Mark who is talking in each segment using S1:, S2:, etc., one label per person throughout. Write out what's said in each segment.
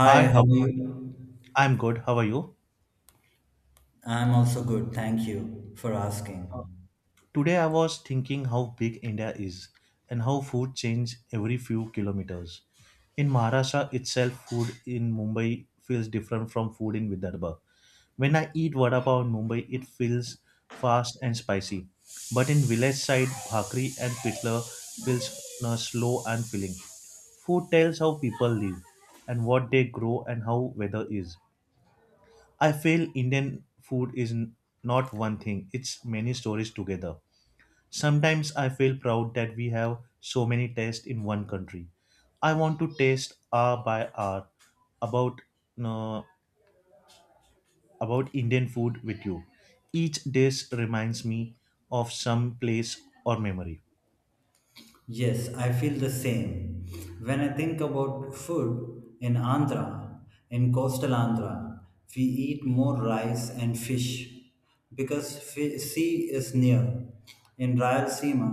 S1: Hi,
S2: how
S1: how
S2: are you?
S1: I'm good. How are you?
S2: I'm also good. Thank you for asking.
S1: Today I was thinking how big India is and how food changes every few kilometers. In Maharashtra itself, food in Mumbai feels different from food in Vidarbha. When I eat vada pav in Mumbai, it feels fast and spicy. But in village side, bhakri and pitla feels slow and filling. Food tells how people live and what they grow and how weather is. I feel Indian food is not one thing, it's many stories together. Sometimes I feel proud that we have so many tastes in one country. I want to taste hour by hour about uh, about Indian food with you. Each dish reminds me of some place or memory.
S2: Yes, I feel the same. When I think about food in Andhra, in coastal Andhra, we eat more rice and fish because sea is near. In Rayalaseema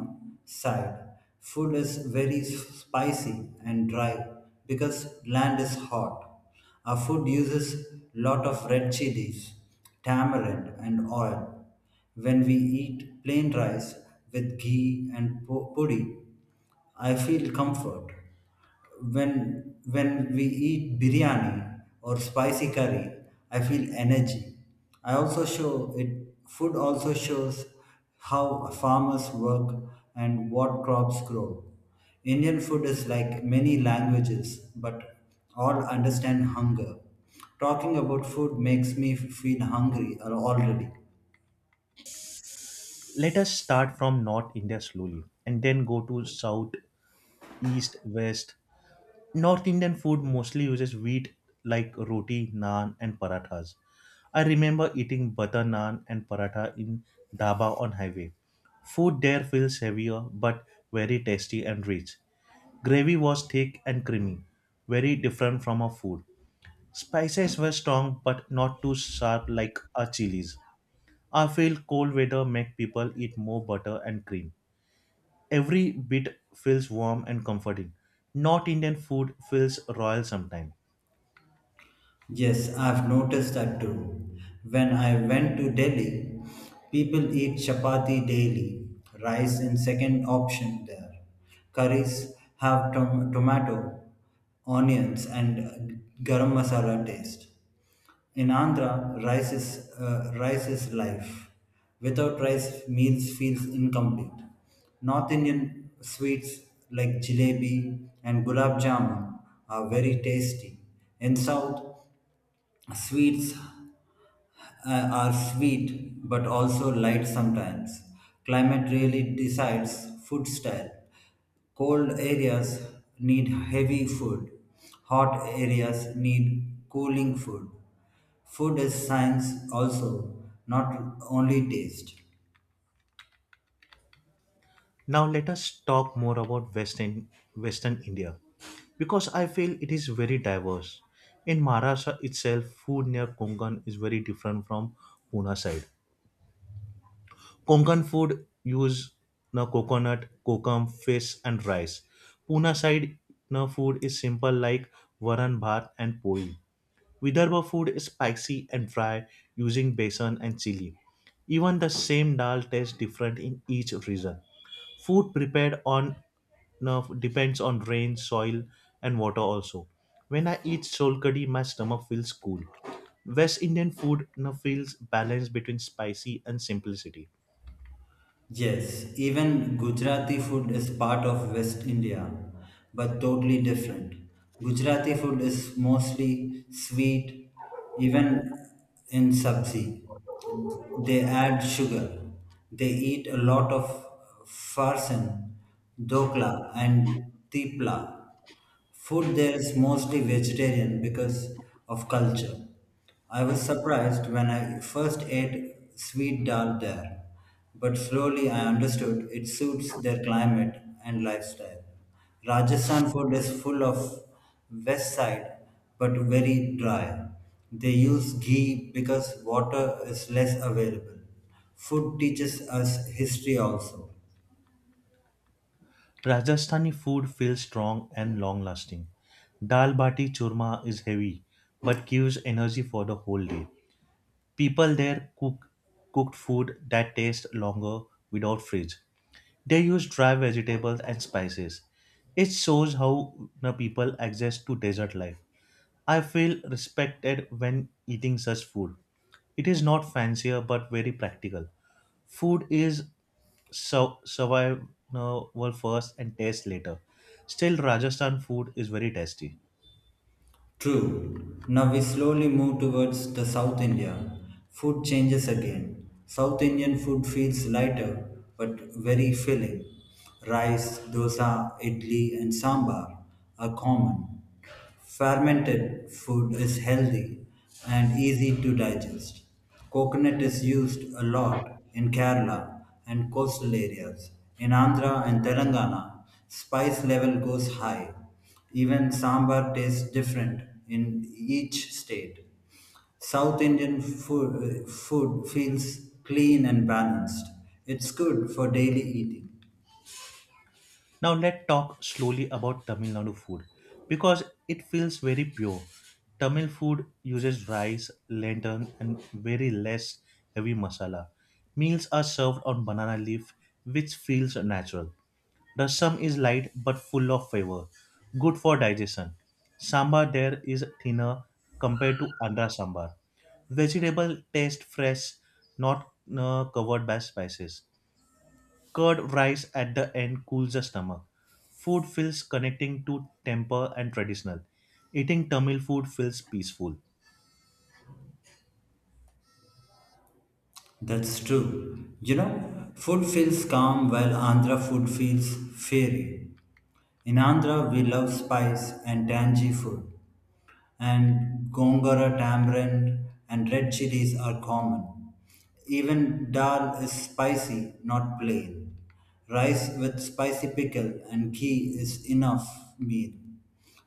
S2: side, food is very spicy and dry because land is hot. Our food uses lot of red chilies, tamarind, and oil. When we eat plain rice with ghee and podi, I feel comfort. When we eat biryani or spicy curry, I feel energy. I also show it Food also shows how farmers work and what crops grow. Indian food is like many languages, but all understand hunger. Talking about food makes me feel hungry already.
S1: Let us start from North India slowly and then go to South, East, West. North Indian food mostly uses wheat like roti, naan, and parathas. I remember eating butter naan and paratha in dhaba on highway. Food there feels heavier but very tasty and rich. Gravy was thick and creamy, very different from our food. Spices were strong but not too sharp like our chilies. I feel cold weather make people eat more butter and cream. Every bit feels warm and comforting. Not Indian food feels royal sometimes.
S2: Yes, I've noticed that too. When I went to Delhi, people eat chapati daily, rice in second option there. Curries have tomato, onions, and garam masala taste. In Andhra, rice is life. Without rice, meals feels incomplete. North Indian sweets like jalebi and gulab jamun are very tasty. In South, sweets are sweet but also light sometimes. Climate really decides food style. Cold areas need heavy food, hot areas need cooling food. Food is science also, not only taste.
S1: Now let us talk more about Western India because I feel it is very diverse. In Maharashtra itself, food near Konkan is very different from Pune side. Konkan food use na coconut, kokum, fish, and rice. Pune side na food is simple like varan bhat and poi. Vidarbha food is spicy and dry using besan and chili. Even the same dal tastes different in each region. Food prepared on now depends on rain, soil, and water also. When I eat solkadi, my stomach feels cool. West Indian food now feels balanced between spicy and simplicity.
S2: Yes, even Gujarati food is part of West India, but totally different. Gujarati food is mostly sweet, even in sabzi. They add sugar. They eat a lot of farsan, dokla, and tipla. Food there is mostly vegetarian because of culture. I was surprised when I first ate sweet dal there, but slowly I understood it suits their climate and lifestyle. Rajasthan food is full of west side but very dry. They use ghee because water is less available. Food teaches us history also.
S1: Rajasthani food feels strong and long lasting. Dal bati churma is heavy but gives energy for the whole day. People there cooked food that tastes longer without fridge. They use dry vegetables and spices. It shows how the people adjust to desert life. I feel respected when eating such food. It is not fancier but very practical. Food is so survival first and taste later. Still, Rajasthan food is very tasty.
S2: True. Now we slowly move towards the South India. Food changes again. South Indian food feels lighter but very filling. Rice, dosa, idli, and sambar are common. Fermented food is healthy and easy to digest. Coconut is used a lot in Kerala and coastal areas. In Andhra and Telangana, spice level goes high. Even sambar tastes different in each state. South Indian food feels clean and balanced. It's good for daily eating.
S1: Now let's talk slowly about Tamil Nadu food because it feels very pure. Tamil food uses rice, lantern, and very less heavy masala. Meals are served on banana leaf, which feels natural. Rasam is light but full of flavor, good for digestion. Sambar there is thinner compared to Andhra sambar. Vegetable taste fresh, not covered by spices. Curd rice at the end cools the stomach. Food feels connecting to temper and traditional. Eating Tamil food feels peaceful.
S2: That's true. You know, food feels calm while Andhra food feels fiery. In Andhra, we love spice and tangy food. And gongora tamarind and red chilies are common. Even dal is spicy, not plain. Rice with spicy pickle and ghee is enough meal.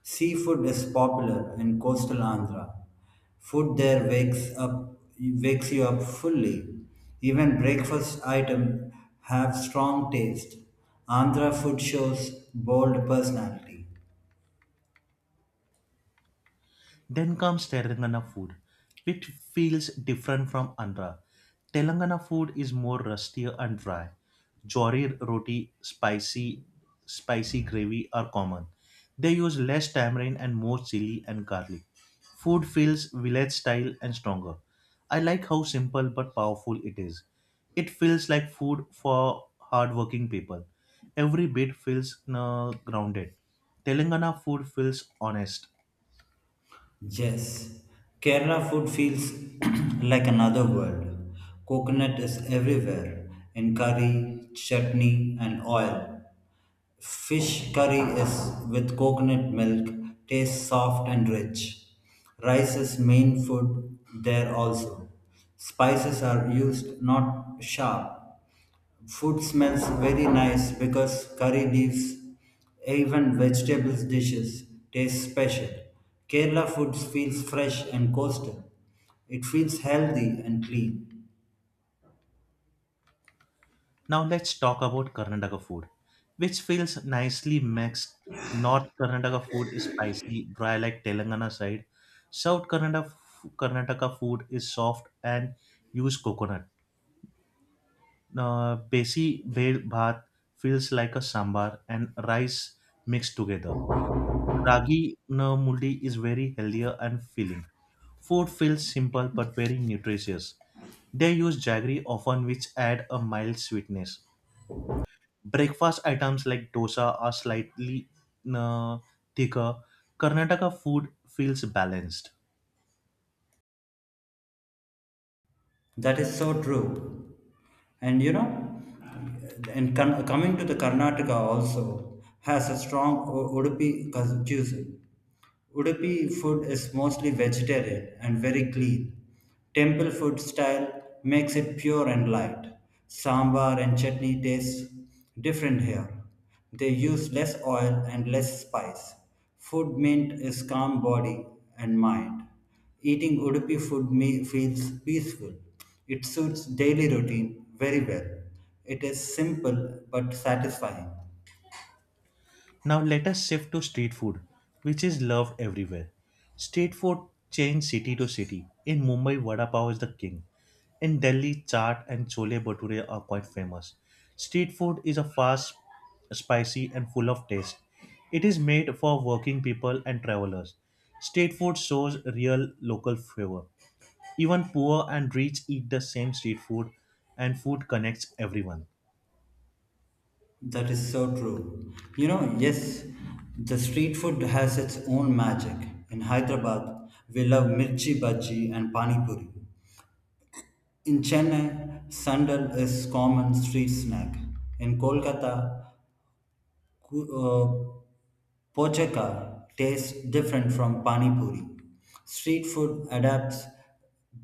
S2: Seafood is popular in coastal Andhra. Food there wakes you up fully. Even breakfast items have strong taste. Andhra food shows bold personality.
S1: Then comes Telangana food, which feels different from Andhra. Telangana food is more rustier and dry. Jori roti, spicy gravy are common. They use less tamarind and more chili and garlic. Food feels village style and stronger. I like how simple but powerful it is. It feels like food for hardworking people. Every bit feels grounded. Telangana food feels honest.
S2: Yes, Kerala food feels like another world. Coconut is everywhere in curry, chutney, and oil. Fish curry is with coconut milk, tastes soft and rich. Rice is main food there also. Spices are used not sharp. Food smells very nice because curry leaves, even vegetables dishes taste special. Kerala food feels fresh and coastal. It feels healthy and clean.
S1: Now let's talk about Karnataka food, which feels nicely mixed. North Karnataka food is spicy, dry like Telangana side. South Karnataka, Karnataka food is soft and use coconut. Besi bel bhat feels like a sambar and rice mixed together. Ragi no, mundi is very healthier and filling. Food feels simple but very nutritious. They use jaggery often, which add a mild sweetness. Breakfast items like dosa are slightly uh, thicker. Karnataka food feels balanced.
S2: That is so true. And you know, and coming to the Karnataka also has a strong Udupi cuisine. Udupi food is mostly vegetarian and very clean. Temple food style makes it pure and light. Sambar and chutney taste different here. They use less oil and less spice. Food meant is calm body and mind. Eating Udupi food feels peaceful. It suits daily routine very well. It is simple but satisfying.
S1: Now let us shift to street food, which is loved everywhere. Street food changes city to city. In Mumbai, vada pav is the king. In Delhi, chaat and chole bhature are quite famous. Street food is a fast, spicy, and full of taste. It is made for working people and travelers. Street food shows real local flavor. Even poor and rich eat the same street food, and food connects everyone.
S2: That is so true. You know, yes, the street food has its own magic. In Hyderabad, we love mirchi bhaji and pani puri. In Chennai, sandal is common street snack. In Kolkata, ku- uh, Pochaka tastes different from pani puri. Street food adapts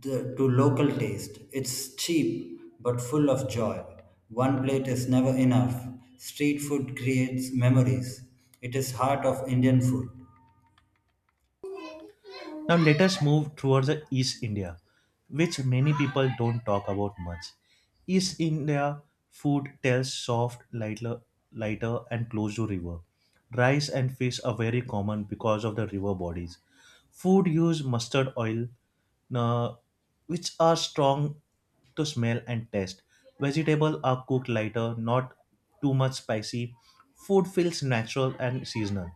S2: to local taste. It's cheap but full of joy. One plate is never enough. Street food creates memories. It is heart of Indian food.
S1: Now, let us move towards the East India, which many people don't talk about much. East India food tells soft, lighter and close to river. Rice and fish are very common because of the river bodies. Food use mustard oil, uh, which are strong to smell and taste. Vegetables are cooked lighter, not too much spicy. Food feels natural and seasonal.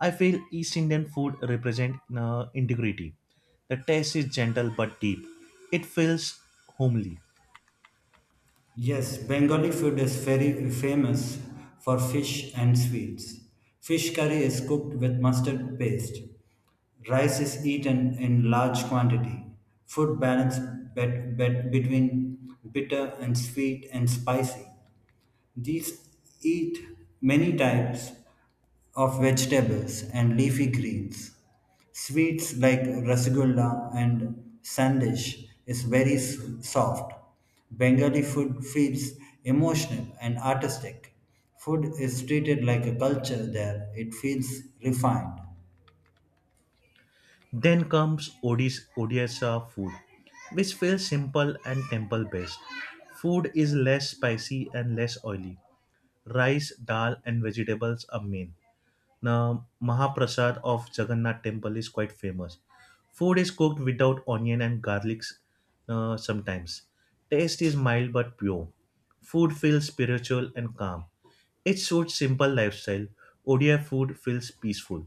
S1: I feel East Indian food represents integrity. The taste is gentle but deep. It feels homely.
S2: Yes, Bengali food is very famous for fish and sweets. Fish curry is cooked with mustard paste. Rice is eaten in large quantity. Food balance between bitter and sweet and spicy. These eat many types of vegetables and leafy greens. Sweets like rasgulla and sandesh is very soft. Bengali food feels emotional and artistic. Food is treated like a culture there. It feels refined.
S1: Then comes Odisha food, which feels simple and temple based. Food is less spicy and less oily. Rice, dal, and vegetables are main. The Mahaprasad of Jagannath temple is quite famous. Food is cooked without onion and garlics sometimes. Taste is mild but pure. Food feels spiritual and calm. It suits simple lifestyle. ODI food feels peaceful.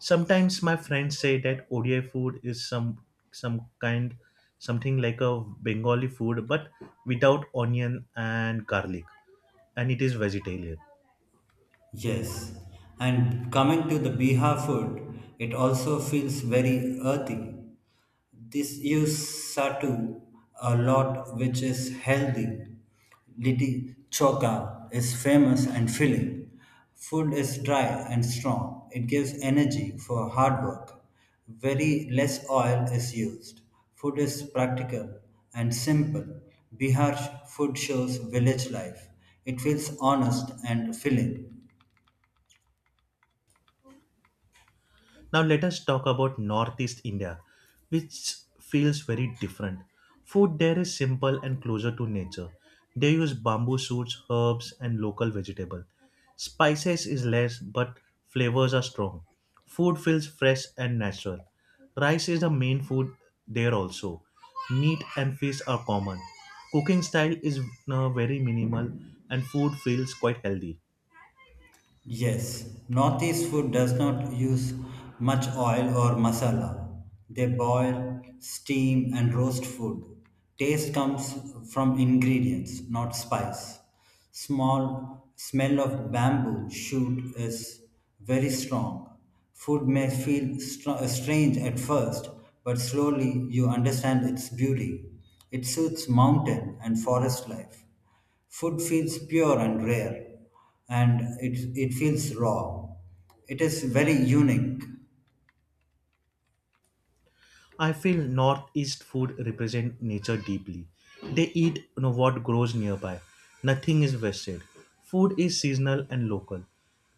S1: Sometimes my friends say that ODI food is some kind something like a Bengali food but without onion and garlic and it is vegetarian.
S2: Yes, and coming to the Bihar food, it also feels very earthy. This use satu a lot, which is healthy. Liti choka is famous and filling. Food is dry and strong. It gives energy for hard work. Very less oil is used. Food is practical and simple. Bihar food shows village life. It feels honest and filling.
S1: Now let us talk about Northeast India, which feels very different. Food there is simple and closer to nature. They use bamboo shoots, herbs, and local vegetable. Spices is less, but flavors are strong. Food feels fresh and natural. Rice is the main food there also. Meat and fish are common. Cooking style is very minimal, and food feels quite healthy.
S2: Yes, Northeast food does not use much oil or masala. They boil, steam, and roast food. Taste comes from ingredients, not spice. Small smell of bamboo shoot is very strong. Food may feel strange at first, but slowly you understand its beauty. It suits mountain and forest life. Food feels pure and rare and it it feels raw. It is very unique.
S1: I feel northeast food represent nature deeply. They eat you know, what grows nearby. Nothing is wasted. Food is seasonal and local.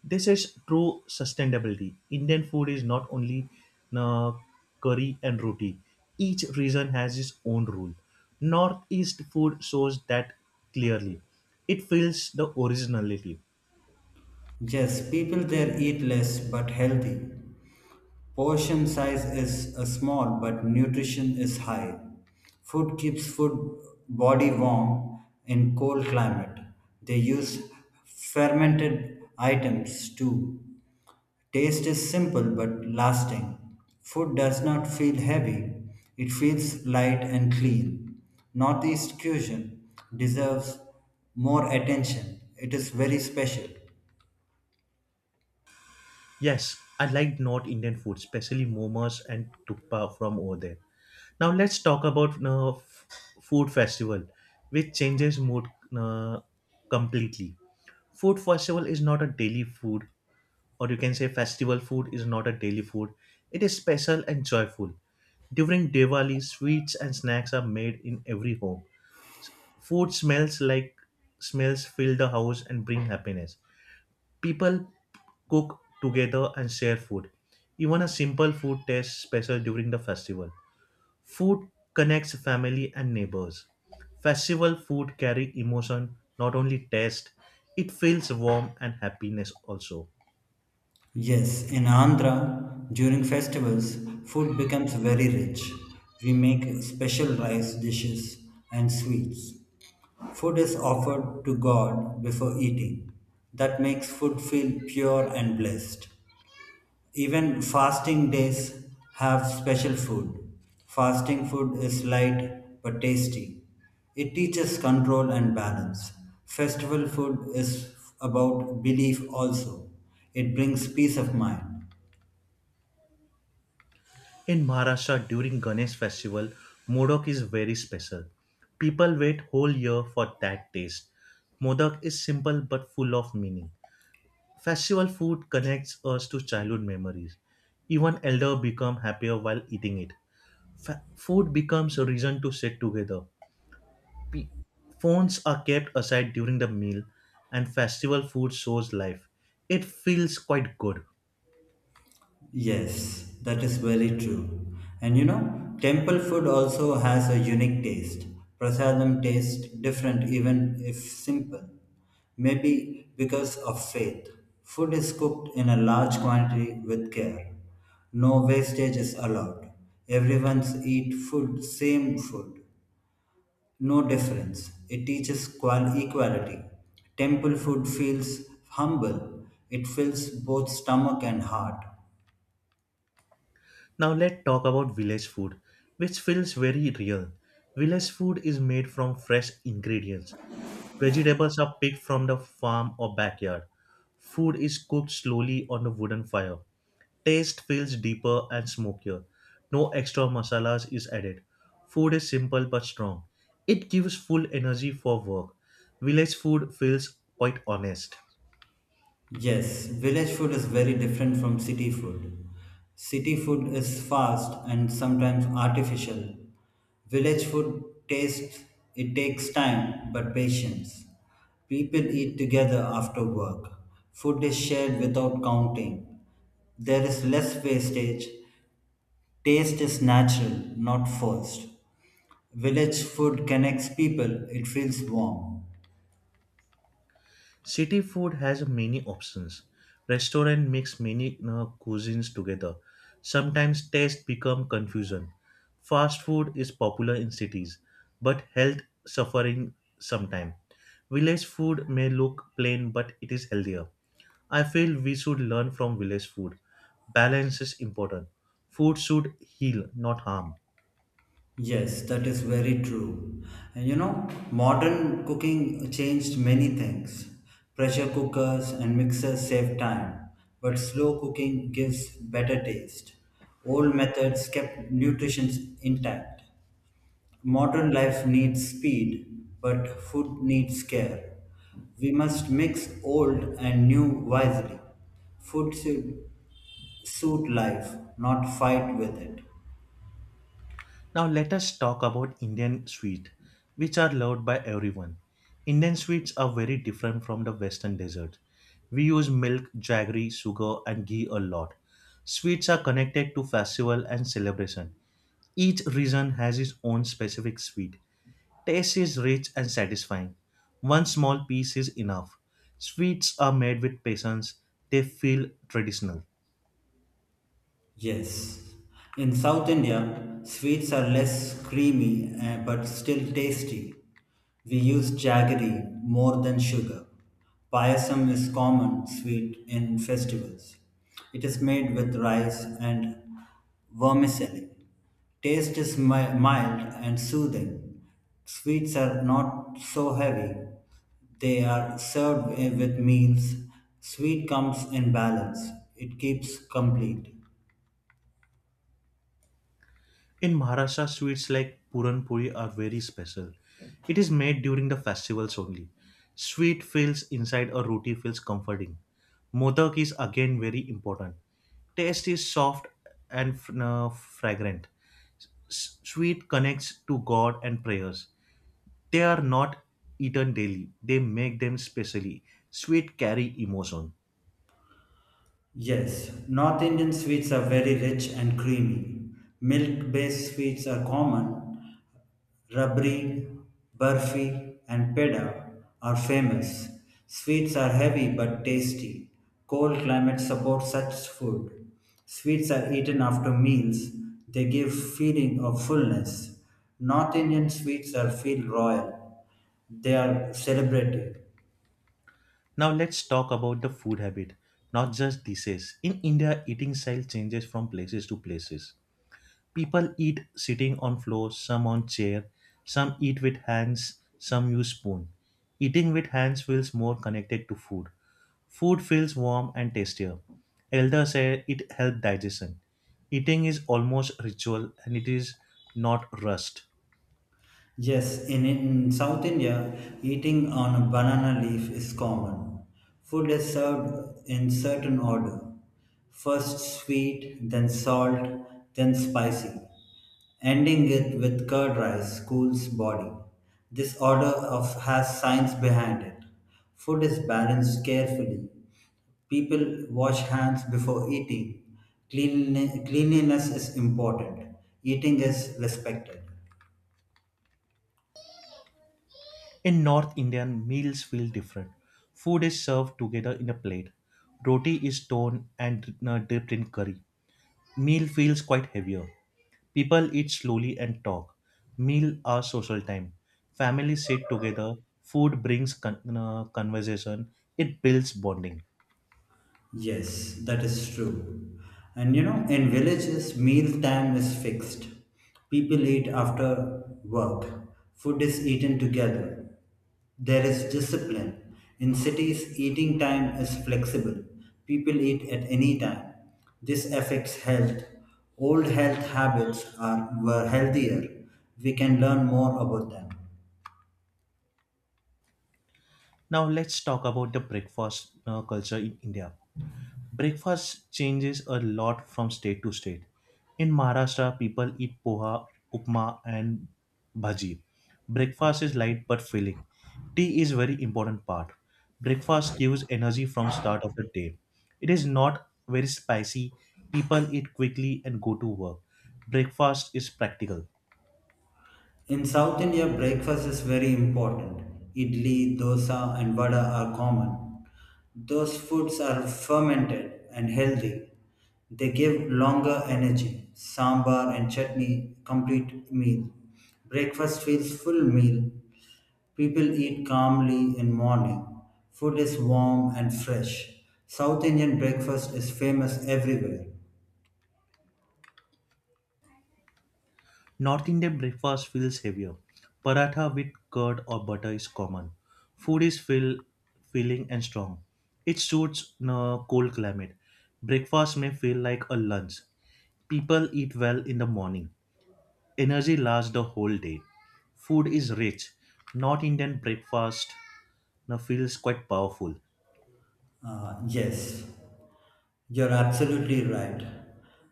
S1: This is true sustainability. Indian food is not only you know, curry and roti. Each region has its own rule. Northeast food shows that clearly. It feels the originality.
S2: Yes, people there eat less but healthy. Portion size is small but nutrition is high. Food keeps food Body warm in cold climate. They use fermented items too. Taste is simple but lasting. Food does not feel heavy, it feels light and clean. Northeast cuisine deserves more attention. It is very special.
S1: Yes, I like North Indian food, especially momos and tukpa from over there. Now let's talk about food festival, which changes mood uh, completely. Food festival is not a daily food, or you can say festival food is not a daily food. It is special and joyful. During Diwali, sweets and snacks are made in every home. Food smells like smells fill the house and bring happiness. People cook together and share food. Even a simple food tastes special during the festival. Food connects family and neighbors. Festival food carry emotion, not only taste. It feels warm and happiness also.
S2: Yes, in Andhra, during festivals, food becomes very rich. We make special rice dishes and sweets. Food is offered to God before eating. That makes food feel pure and blessed. Even fasting days have special food. Fasting food is light but tasty. It teaches control and balance. Festival food is about belief also. It brings peace of mind.
S1: In Maharashtra, during Ganesh festival, Modak is very special. People wait whole year for that taste. Modak is simple but full of meaning. Festival food connects us to childhood memories. Even elder become happier while eating it. Food becomes a reason to sit together. Phones are kept aside during the meal, and festival food shows life. It feels quite good.
S2: Yes, that is very true. And you know, temple food also has a unique taste. Prasadam tastes different even if simple. Maybe because of faith. Food is cooked in a large quantity with care. No wastage is allowed. Everyone's eat food, same food. No difference. It teaches equality. Temple food feels humble. It fills both stomach and heart.
S1: Now let's talk about village food, which feels very real. Village food is made from fresh ingredients. Vegetables are picked from the farm or backyard. Food is cooked slowly on a wooden fire. Taste feels deeper and smokier. No extra masalas is added. Food is simple but strong. It gives full energy for work. Village food feels quite honest.
S2: Yes, village food is very different from city food. City food is fast and sometimes artificial. Village food tastes it takes time but patience. People eat together after work. Food is shared without counting. There is less wastage. Taste is natural, not forced. Village food connects people. It feels warm.
S1: City food has many options. Restaurant mix many cuisines together. Sometimes taste become confusion. Fast food is popular in cities, but health suffering sometime. Village food may look plain, but it is healthier. I feel we should learn from village food. Balance is important. Food should heal, not harm.
S2: Yes, that is very true. And you know, modern cooking changed many things. Pressure cookers and mixers save time, but slow cooking gives better taste. Old methods kept nutrition intact. Modern life needs speed, but food needs care. We must mix old and new wisely. Food should suit life, not fight with it.
S1: Now let us talk about Indian sweet, which are loved by everyone. Indian sweets are very different from the western desserts. We use milk, jaggery, sugar and ghee a lot. Sweets are connected to festival and celebration. Each region has its own specific sweet. Taste is rich and satisfying. One small piece is enough. Sweets are made with patience. They feel traditional.
S2: Yes. In South India, sweets are less creamy but still tasty. We use jaggery more than sugar. Payasam is common sweet in festivals. It is made with rice and vermicelli. Taste is mild and soothing. Sweets are not so heavy. They are served with meals. Sweet comes in balance. It keeps complete.
S1: In Maharashtra, sweets like Puran Puri are very special. It is made during the festivals only. Sweet feels inside a roti feels comforting. Modak is again very important. Taste is soft and fragrant. Sweet connects to God and prayers. They are not eaten daily. They make them specially. Sweet carry emotion.
S2: Yes, North Indian sweets are very rich and creamy. Milk based sweets are common. Rabri, burfi, and peda are famous. Sweets are heavy but tasty. Cold climate supports such food. Sweets are eaten after meals. They give feeling of fullness. North Indian sweets are feel royal. They are celebrated.
S1: Now let's talk about the food habit, not just dishes. In India, eating style changes from places to places. People eat sitting on floor, some on chair, some eat with hands, some use spoon. Eating with hands feels more connected to food. Food feels warm and tastier. Elders say it helps digestion. Eating is almost ritual and it is not rust.
S2: Yes, in South India, eating on a banana leaf is common. Food is served in certain order. First sweet, then salt, then spicy, ending it with curd rice, cools body. This order of has science behind it. Food is balanced carefully. People wash hands before eating. Cleanliness is important. Eating is respected.
S1: In North Indian, meals feel different. Food is served together in a plate. Roti is torn and dipped in curry. Meal feels quite heavier. People eat slowly and talk. Meal are social time. Families sit together. Food brings conversation. It builds bonding.
S2: Yes, that is true. And you know, in villages, meal time is fixed. People eat after work. Food is eaten together. There is discipline. In cities, eating time is flexible. People eat at any time. This affects health. Old health habits were healthier. We can learn more about them.
S1: Now let's talk about the breakfast culture in India. Breakfast changes a lot from state to state. In Maharashtra, people eat poha, upma, and bhaji. Breakfast is light but filling. Tea is very important part. Breakfast gives energy from start of the day. It is not very spicy. People eat quickly and go to work. Breakfast is practical.
S2: In South India, breakfast is very important. Idli, dosa, and vada are common. Those foods are fermented and healthy. They give longer energy. Sambar and chutney complete meal. Breakfast feels full meal. People eat calmly in morning. Food is warm and fresh. South Indian breakfast is famous everywhere.
S1: North Indian breakfast feels heavier. Paratha with curd or butter is common. Food is filling and strong. It suits cold climate. Breakfast may feel like a lunch. People eat well in the morning. Energy lasts the whole day. Food is rich. North Indian breakfast now feels quite powerful.
S2: Uh, yes, you're absolutely right.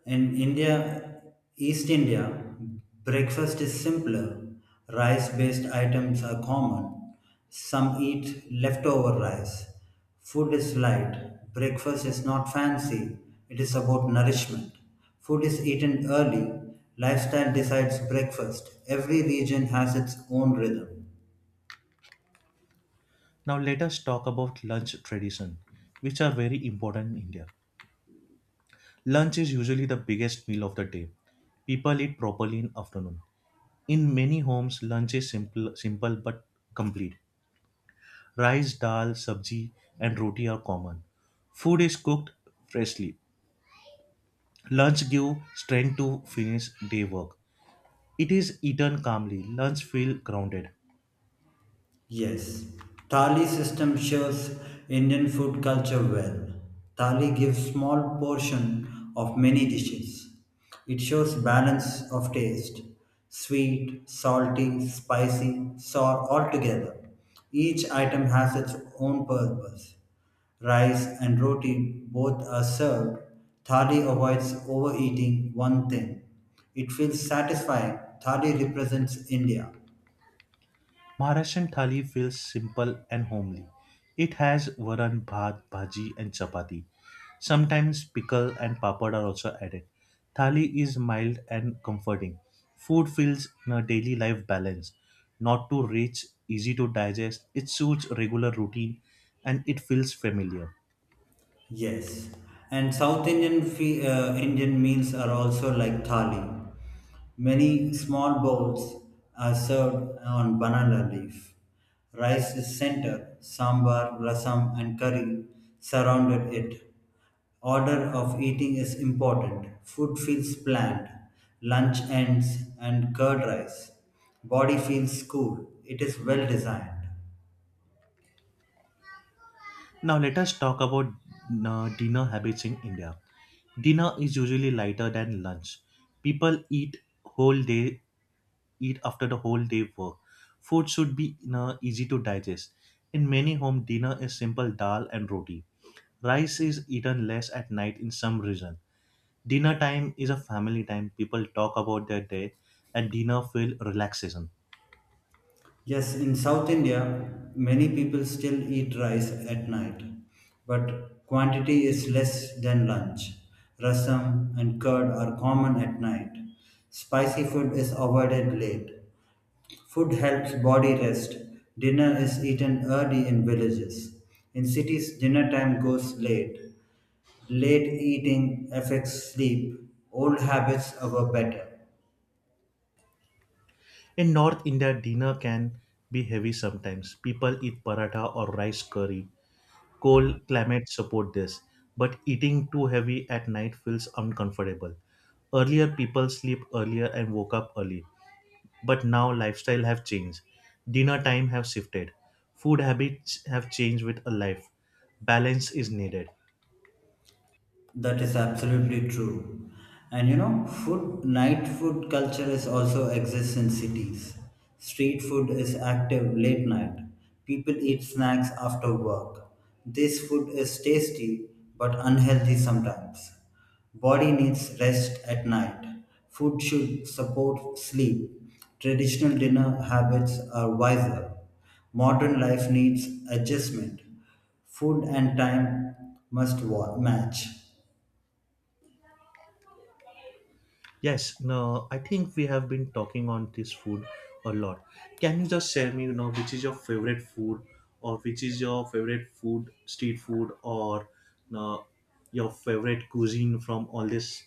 S2: In India, East India, breakfast is simpler. Rice based items are common. Some eat leftover rice. Food is light. Breakfast is not fancy. It is about nourishment. Food is eaten early. Lifestyle decides breakfast. Every region has its own rhythm.
S1: Now let us talk about lunch tradition, which are very important in India. Lunch is usually the biggest meal of the day. People eat properly in afternoon. In many homes, lunch is simple but complete. Rice, dal, sabji, and roti are common. Food is cooked freshly. Lunch gives strength to finish day work. It is eaten calmly. Lunch feels grounded.
S2: Yes, thali system shows Indian food culture well. Thali gives small portion of many dishes. It shows balance of taste, sweet, salty, spicy, sour all together. Each item has its own purpose. Rice and roti both are served. Thali avoids overeating one thing. It feels satisfying. Thali represents India.
S1: Maharashtrian thali feels simple and homely. It has varan, bhat, bhaji, and chapati. Sometimes pickle and papad are also added. Thali is mild and comforting. Food feels in a daily life balance, not too rich, easy to digest. It suits regular routine and it feels familiar.
S2: Yes, and South Indian Indian meals are also like thali. Many small bowls are served on banana leaf. Rice is center, sambar, rasam, and curry surrounded it. Order of eating is important. Food feels planned. Lunch ends and curd rice. Body feels cool. It is well designed.
S1: Now, let us talk about dinner habits in India. Dinner is usually lighter than lunch. People whole day eat after the whole day work. Food should be, you know, easy to digest. In many home, dinner is simple dal and roti. Rice is eaten less at night in some region. Dinner time is a family time. People talk about their day and dinner feel relaxation.
S2: Yes, in South India, many people still eat rice at night, but quantity is less than lunch. Rasam and curd are common at night. Spicy food is avoided late. Food helps body rest. Dinner is eaten early in villages. In cities, dinner time goes late. Late eating affects sleep. Old habits are better.
S1: In North India, dinner can be heavy sometimes. People eat paratha or rice curry. Cold climate support this, but eating too heavy at night feels uncomfortable. Earlier people sleep earlier and woke up early. But now lifestyle have changed. Dinner time have shifted. Food habits have changed with a life. Balance is needed.
S2: That is absolutely true. And you know, food night food culture is also exists in cities. Street food is active late night. People eat snacks after work. This food is tasty but unhealthy sometimes. Body needs rest at night. Food should support sleep. Traditional dinner habits are wiser. Modern life needs adjustment. Food and time must match.
S1: Yes, no, I think we have been talking on this food a lot. Can you just share me, you know, which is your favorite food or which is your favorite food, street food, or you know, your favorite cuisine from all this.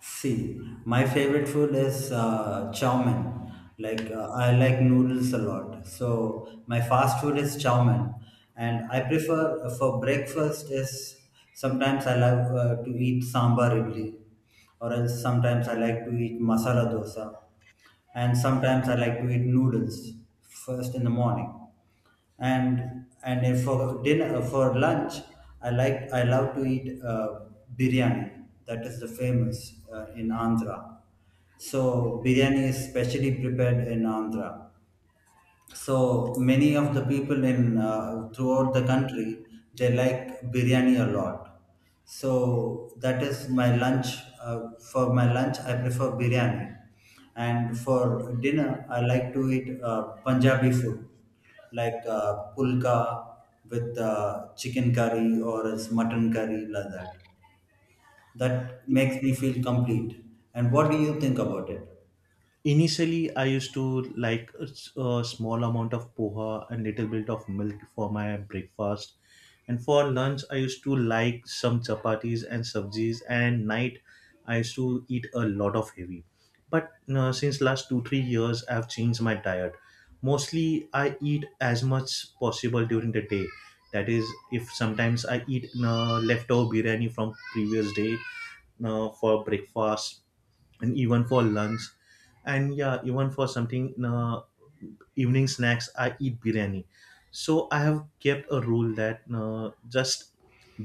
S2: See, my favorite food is chow mein. Like I like noodles a lot, so my fast food is chow mein, and I prefer for breakfast is sometimes I like to eat sambar idli, or else sometimes I like to eat masala dosa, and sometimes I like to eat noodles first in the morning and if for lunch I like I love to eat biryani. That is the famous in Andhra. So biryani is specially prepared in Andhra, so many of the people in throughout the country they like biryani a lot. So that is my lunch. For my lunch, I prefer biryani, and for dinner, I like to eat Punjabi food like pulka with chicken curry or as mutton curry like that. That makes me feel complete. And what do you think about it?
S1: Initially, I used to like a small amount of poha and little bit of milk for my breakfast. And for lunch, I used to like some chapatis and sabjis. And night, I used to eat a lot of heavy. But since last 2 3 years, I've changed my diet. Mostly, I eat as much possible during the day. That is, if sometimes I eat leftover biryani from previous day, for breakfast and even for lunch, and yeah, even for something, evening snacks I eat biryani. So I have kept a rule that just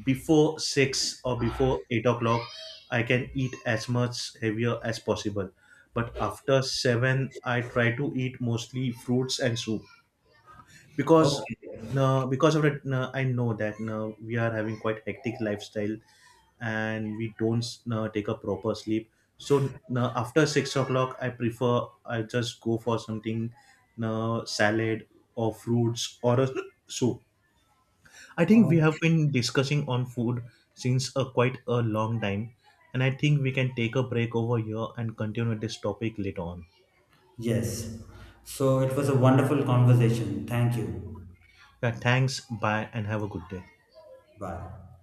S1: before 6 or before 8 o'clock I can eat as much heavier as possible, but after 7 I try to eat mostly fruits and soup, because no, because of that, no, I know that no, we are having quite hectic lifestyle and we don't take a proper sleep. So after 6 o'clock I just go for something, salad or fruits or a soup. I think we have
S2: Okay.
S1: been discussing on food since a quite a long time, and I think we can take a break over here and continue this topic later on.
S2: Yes. So it was a wonderful conversation. Thank you.
S1: Yeah, thanks, bye, and have a good day.
S2: Bye.